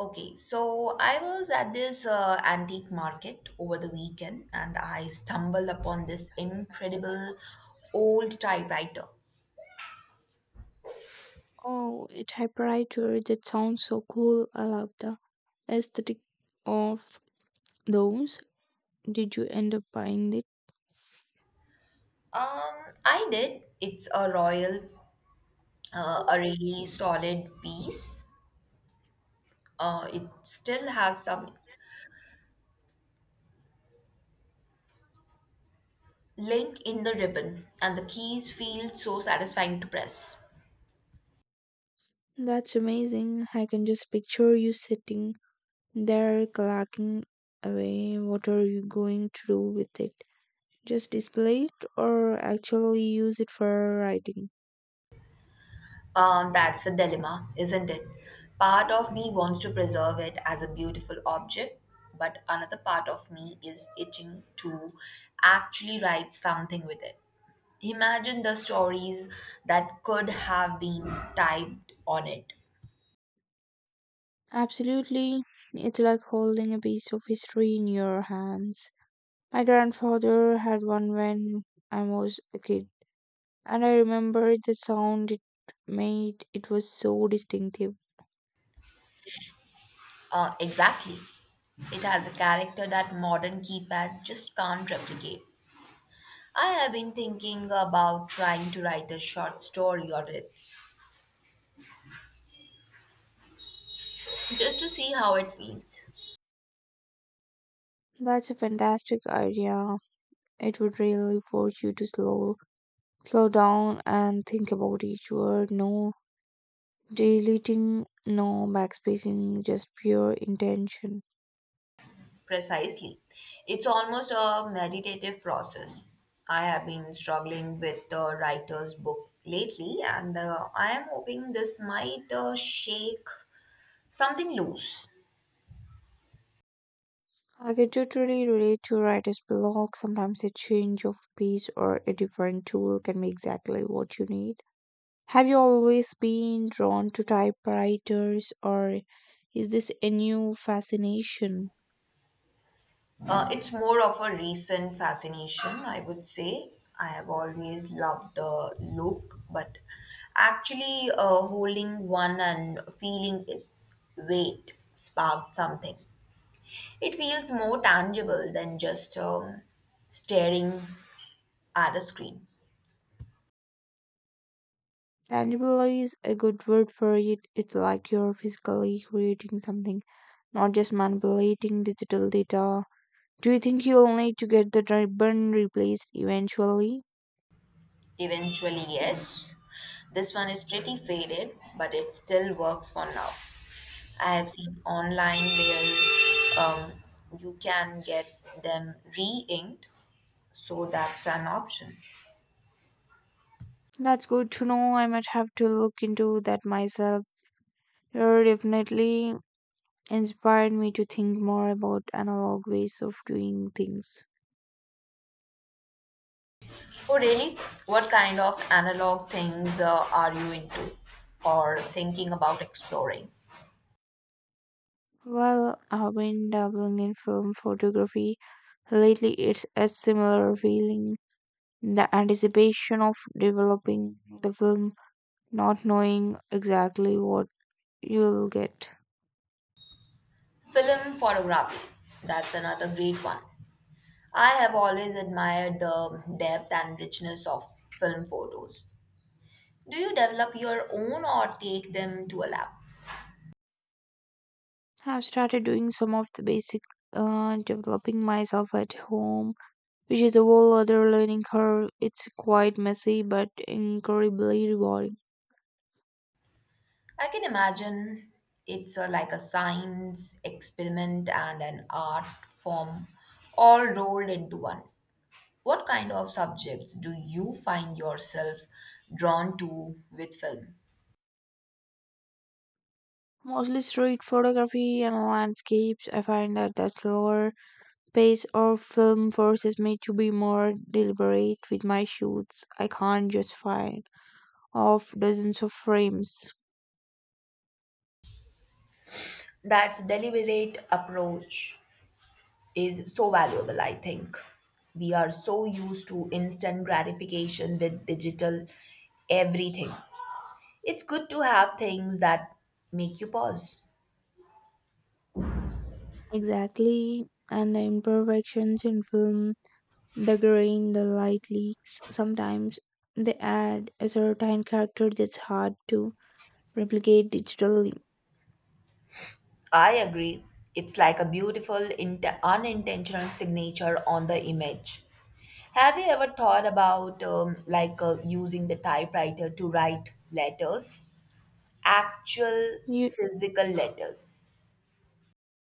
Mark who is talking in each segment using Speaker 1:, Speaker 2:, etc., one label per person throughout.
Speaker 1: Okay, so I was at this antique market over the weekend and I stumbled upon this incredible old typewriter.
Speaker 2: Oh, a typewriter, that sounds so cool. I love the aesthetic of those. Did you end up buying it?
Speaker 1: I did. It's a royal, a really solid piece. It still has some link in the ribbon and the keys feel so satisfying to press.
Speaker 2: That's amazing. I can just picture you sitting there clocking away. What are you going to do with it? Just display it or actually use it for writing?
Speaker 1: That's a dilemma, isn't it? Part of me wants to preserve it as a beautiful object, but another part of me is itching to actually write something with it. Imagine the stories that could have been typed on it.
Speaker 2: Absolutely. It's like holding a piece of history in your hands. My grandfather had one when I was a kid and I remember the sound it made. It was so distinctive.
Speaker 1: Exactly. It has a character that modern keypad just can't replicate. I have been thinking about trying to write a short story on it just to see how it feels.
Speaker 2: That's a fantastic idea. It would really force you to slow down and think about each word. No deleting, no backspacing, just pure intention.
Speaker 1: Precisely. It's almost a meditative process. I have been struggling with the writer's book lately, and I am hoping this might shake something loose.
Speaker 2: I could totally relate to writer's block. Sometimes a change of pace or a different tool can be exactly what you need. Have you always been drawn to typewriters, or is this a new fascination?
Speaker 1: It's more of a recent fascination, I would say. I have always loved the look, but actually holding one and feeling its weight sparked something. It feels more tangible than just staring at a screen.
Speaker 2: Tangible is a good word for it. It's like you're physically creating something, not just manipulating digital data. Do you think you'll need to get the ribbon replaced eventually?
Speaker 1: Eventually, yes. This one is pretty faded, but it still works for now. I have seen online where um, you can get them re inked, so that's an option.
Speaker 2: That's good to know. I might have to look into that myself. You're definitely inspired me to think more about analog ways of doing things.
Speaker 1: Oh, really? What kind of analog things are you into or thinking about exploring?
Speaker 2: Well, I've been dabbling in film photography lately. It's a similar feeling, the anticipation of developing the film, not knowing exactly what you'll get.
Speaker 1: Film photography, that's another great one. I have always admired the depth and richness of film photos. Do you develop your own or take them to a lab?
Speaker 2: I've started doing some of the basic developing myself at home, which is a whole other learning curve. It's quite messy but incredibly rewarding.
Speaker 1: I can imagine it's a, like a science experiment and an art form all rolled into one. What kind of subjects do you find yourself drawn to with film?
Speaker 2: Mostly street photography and landscapes. I find that that's slower space or film forces me to be more deliberate with my shoots. I can't just fire off dozens of frames.
Speaker 1: That's deliberate approach is so valuable, I think. We are so used to instant gratification with digital everything. It's good to have things that make you pause.
Speaker 2: Exactly. And the imperfections in film, the grain, the light leaks, sometimes they add a certain character that's hard to replicate digitally.
Speaker 1: I agree. It's like a beautiful unintentional signature on the image. Have you ever thought about using the typewriter to write letters? Actual
Speaker 2: You
Speaker 1: physical letters.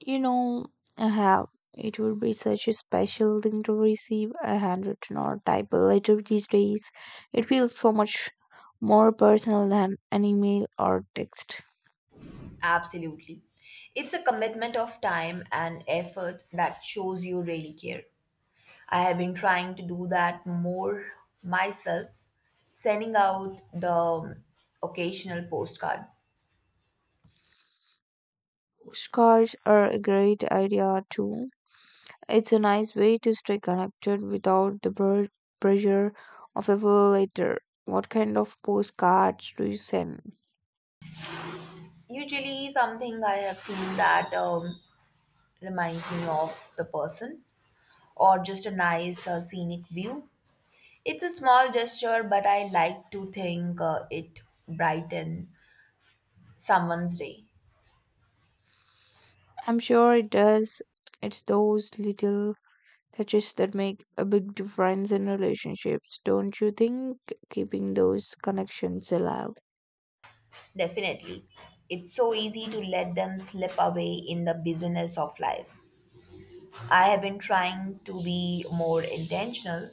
Speaker 2: You know, I have. It would be such a special thing to receive a handwritten or type letter these days. It feels so much more personal than an email or text.
Speaker 1: Absolutely. It's a commitment of time and effort that shows you really care. I have been trying to do that more myself, sending out the occasional postcard.
Speaker 2: Postcards are a great idea too. It's a nice way to stay connected without the pressure of a full letter. What kind of postcards do you send?
Speaker 1: Usually, something I have seen that reminds me of the person, or just a nice scenic view. It's a small gesture, but I like to think it brighten someone's day.
Speaker 2: I'm sure it does. It's those little touches that make a big difference in relationships, don't you think? Keeping those connections alive.
Speaker 1: Definitely. It's so easy to let them slip away in the busyness of life. I have been trying to be more intentional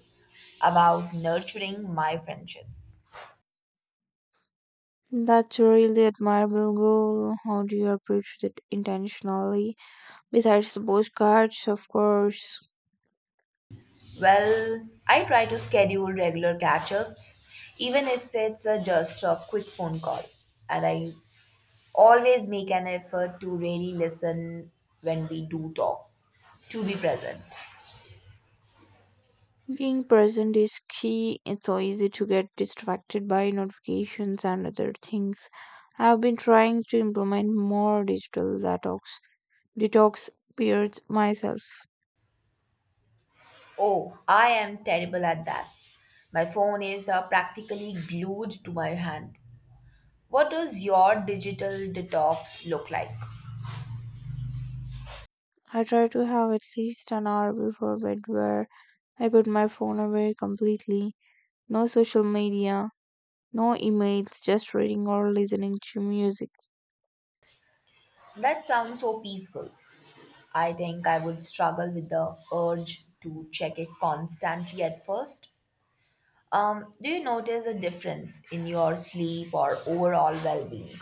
Speaker 1: about nurturing my friendships.
Speaker 2: That's a really admirable goal. How do you approach that intentionally? Besides the postcards, of course.
Speaker 1: Well, I try to schedule regular catch ups, even if it's a just a quick phone call. And I always make an effort to really listen when we do talk, to be present.
Speaker 2: Being present is key. It's so easy to get distracted by notifications and other things. I've been trying to implement more digital detox periods myself.
Speaker 1: Oh, I am terrible at that. My phone is practically glued to my hand. What does your digital detox look like?
Speaker 2: I try to have at least an hour before bed where I put my phone away completely. No social media, no emails, just reading or listening to music.
Speaker 1: That sounds so peaceful. I think I would struggle with the urge to check it constantly at first. Do you notice a difference in your sleep or overall well being?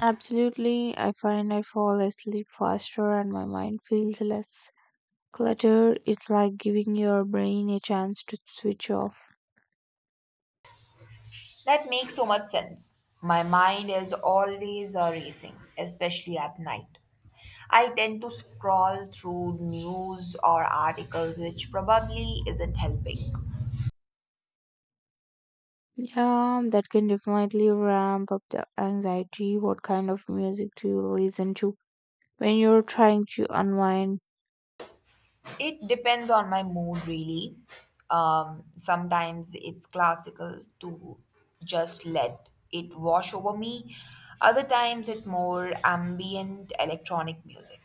Speaker 2: Absolutely, I find I fall asleep faster and my mind feels less cluttered. It's like giving your brain a chance to switch off.
Speaker 1: That makes so much sense. My mind is always racing, especially at night. I tend to scroll through news or articles, which probably isn't helping.
Speaker 2: Yeah, that can definitely ramp up the anxiety. What kind of music do you listen to when you're trying to unwind?
Speaker 1: It depends on my mood, really. Sometimes it's classical to just let it wash over me, other times, it's more ambient electronic music.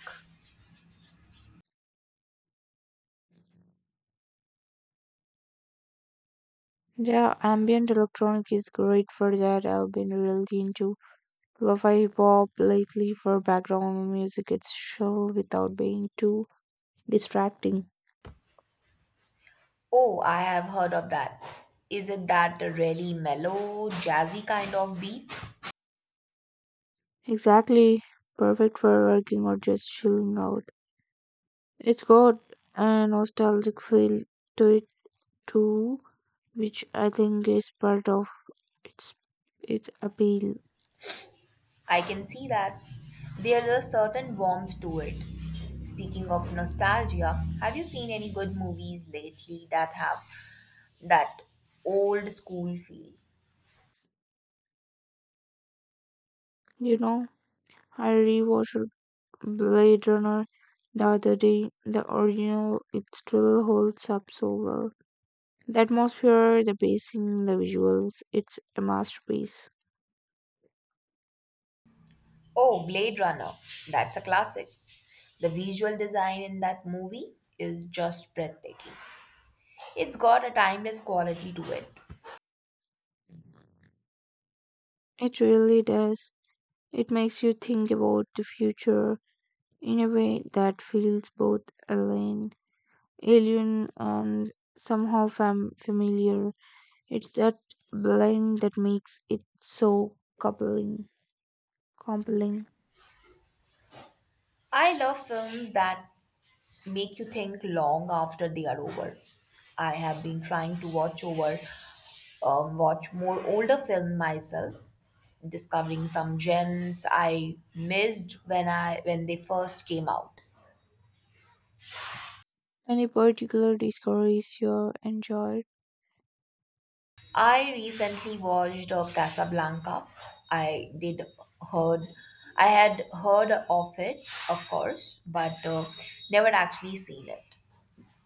Speaker 2: Yeah, ambient electronic is great for that. I've been really into lo-fi hip-hop lately for background music. It's chill without being too distracting.
Speaker 1: Oh, I have heard of that. Is it that really mellow, jazzy kind of beat?
Speaker 2: Exactly. Perfect for working or just chilling out. It's got a nostalgic feel to it too, which I think is part of its its appeal.
Speaker 1: I can see that. There's a certain warmth to it. Speaking of nostalgia, have you seen any good movies lately that have that old school feel?
Speaker 2: You know, I rewatched Blade Runner the other day. The original, it still holds up so well. The atmosphere, the pacing, the visuals, it's a masterpiece.
Speaker 1: Oh, Blade Runner. That's a classic. The visual design in that movie is just breathtaking. It's got a timeless quality to it.
Speaker 2: It really does. It makes you think about the future in a way that feels both alien, alien and somehow familiar. It's that blend that makes it so compelling.
Speaker 1: I love films that make you think long after they are over. I have been trying to watch more older film myself, discovering some gems I missed when they first came out.
Speaker 2: Any particular discoveries you enjoyed?
Speaker 1: I recently watched Casablanca. I did heard, I had heard of it, of course, but never actually seen it.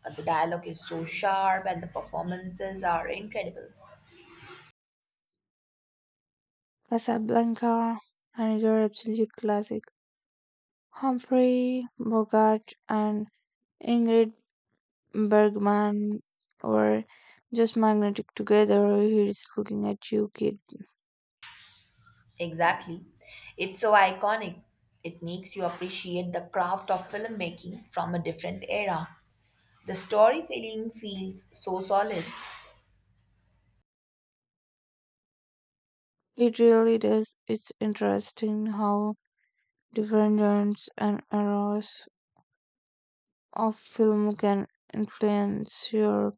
Speaker 1: The dialogue is so sharp, and the performances are incredible.
Speaker 2: Casablanca, another absolute classic. Humphrey Bogart and Ingrid Bergman or just magnetic together. He's looking at you, kid.
Speaker 1: Exactly. It's so iconic. It makes you appreciate the craft of filmmaking from a different era. The storytelling feels so solid.
Speaker 2: It really does. It's interesting how different genres and eras of film can influence your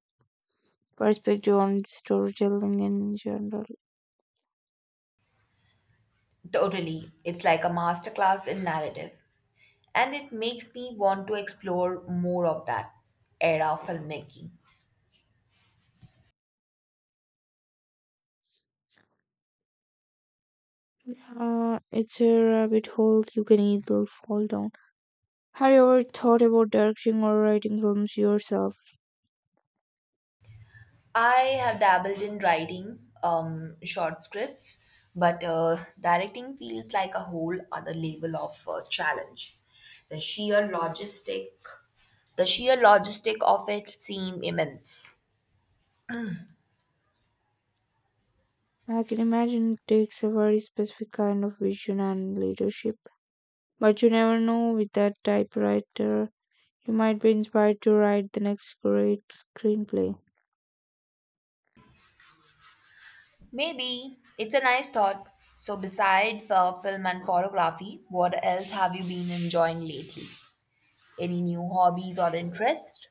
Speaker 2: perspective on storytelling in general.
Speaker 1: Totally. It's like a masterclass in narrative. And it makes me want to explore more of that era of filmmaking.
Speaker 2: It's a rabbit hole you can easily fall down. Have you ever thought about directing or writing films yourself?
Speaker 1: I have dabbled in writing short scripts, but directing feels like a whole other level of challenge. The sheer logistic, the sheer logistic of it seem immense.
Speaker 2: I can imagine it takes a very specific kind of vision and leadership. But you never know, with that typewriter, you might be inspired to write the next great screenplay.
Speaker 1: Maybe it's a nice thought. So besides film and photography, what else have you been enjoying lately? Any new hobbies or interests?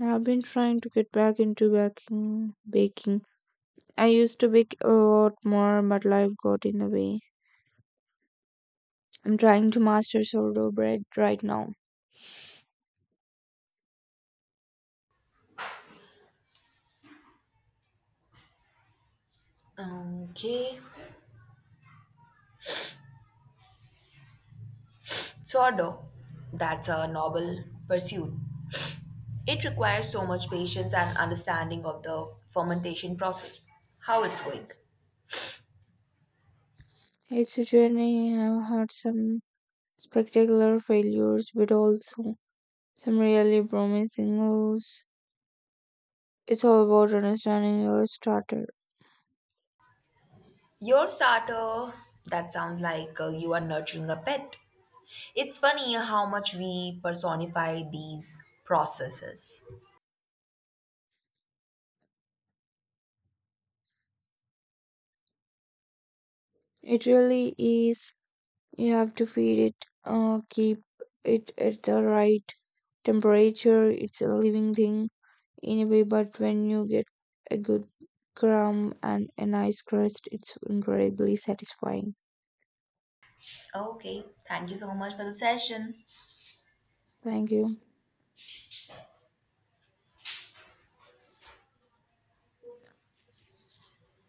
Speaker 2: I have been trying to get back into baking. Baking. I used to bake a lot more, but life got in the way. I'm trying to master sourdough bread right now.
Speaker 1: Okay, sort That's a noble pursuit. It requires so much patience and understanding of the fermentation process, how it's going.
Speaker 2: It's a journey. I've had some spectacular failures, but also some really promising lows. It's all about understanding your starter.
Speaker 1: Your starter, that sounds like you are nurturing a pet. It's funny how much we personify these processes.
Speaker 2: It really is. You have to feed it, keep it at the right temperature. It's a living thing in a way, but when you get a good crumb and a nice crust, it's incredibly satisfying.
Speaker 1: Okay, thank you so much for the session.
Speaker 2: Thank you.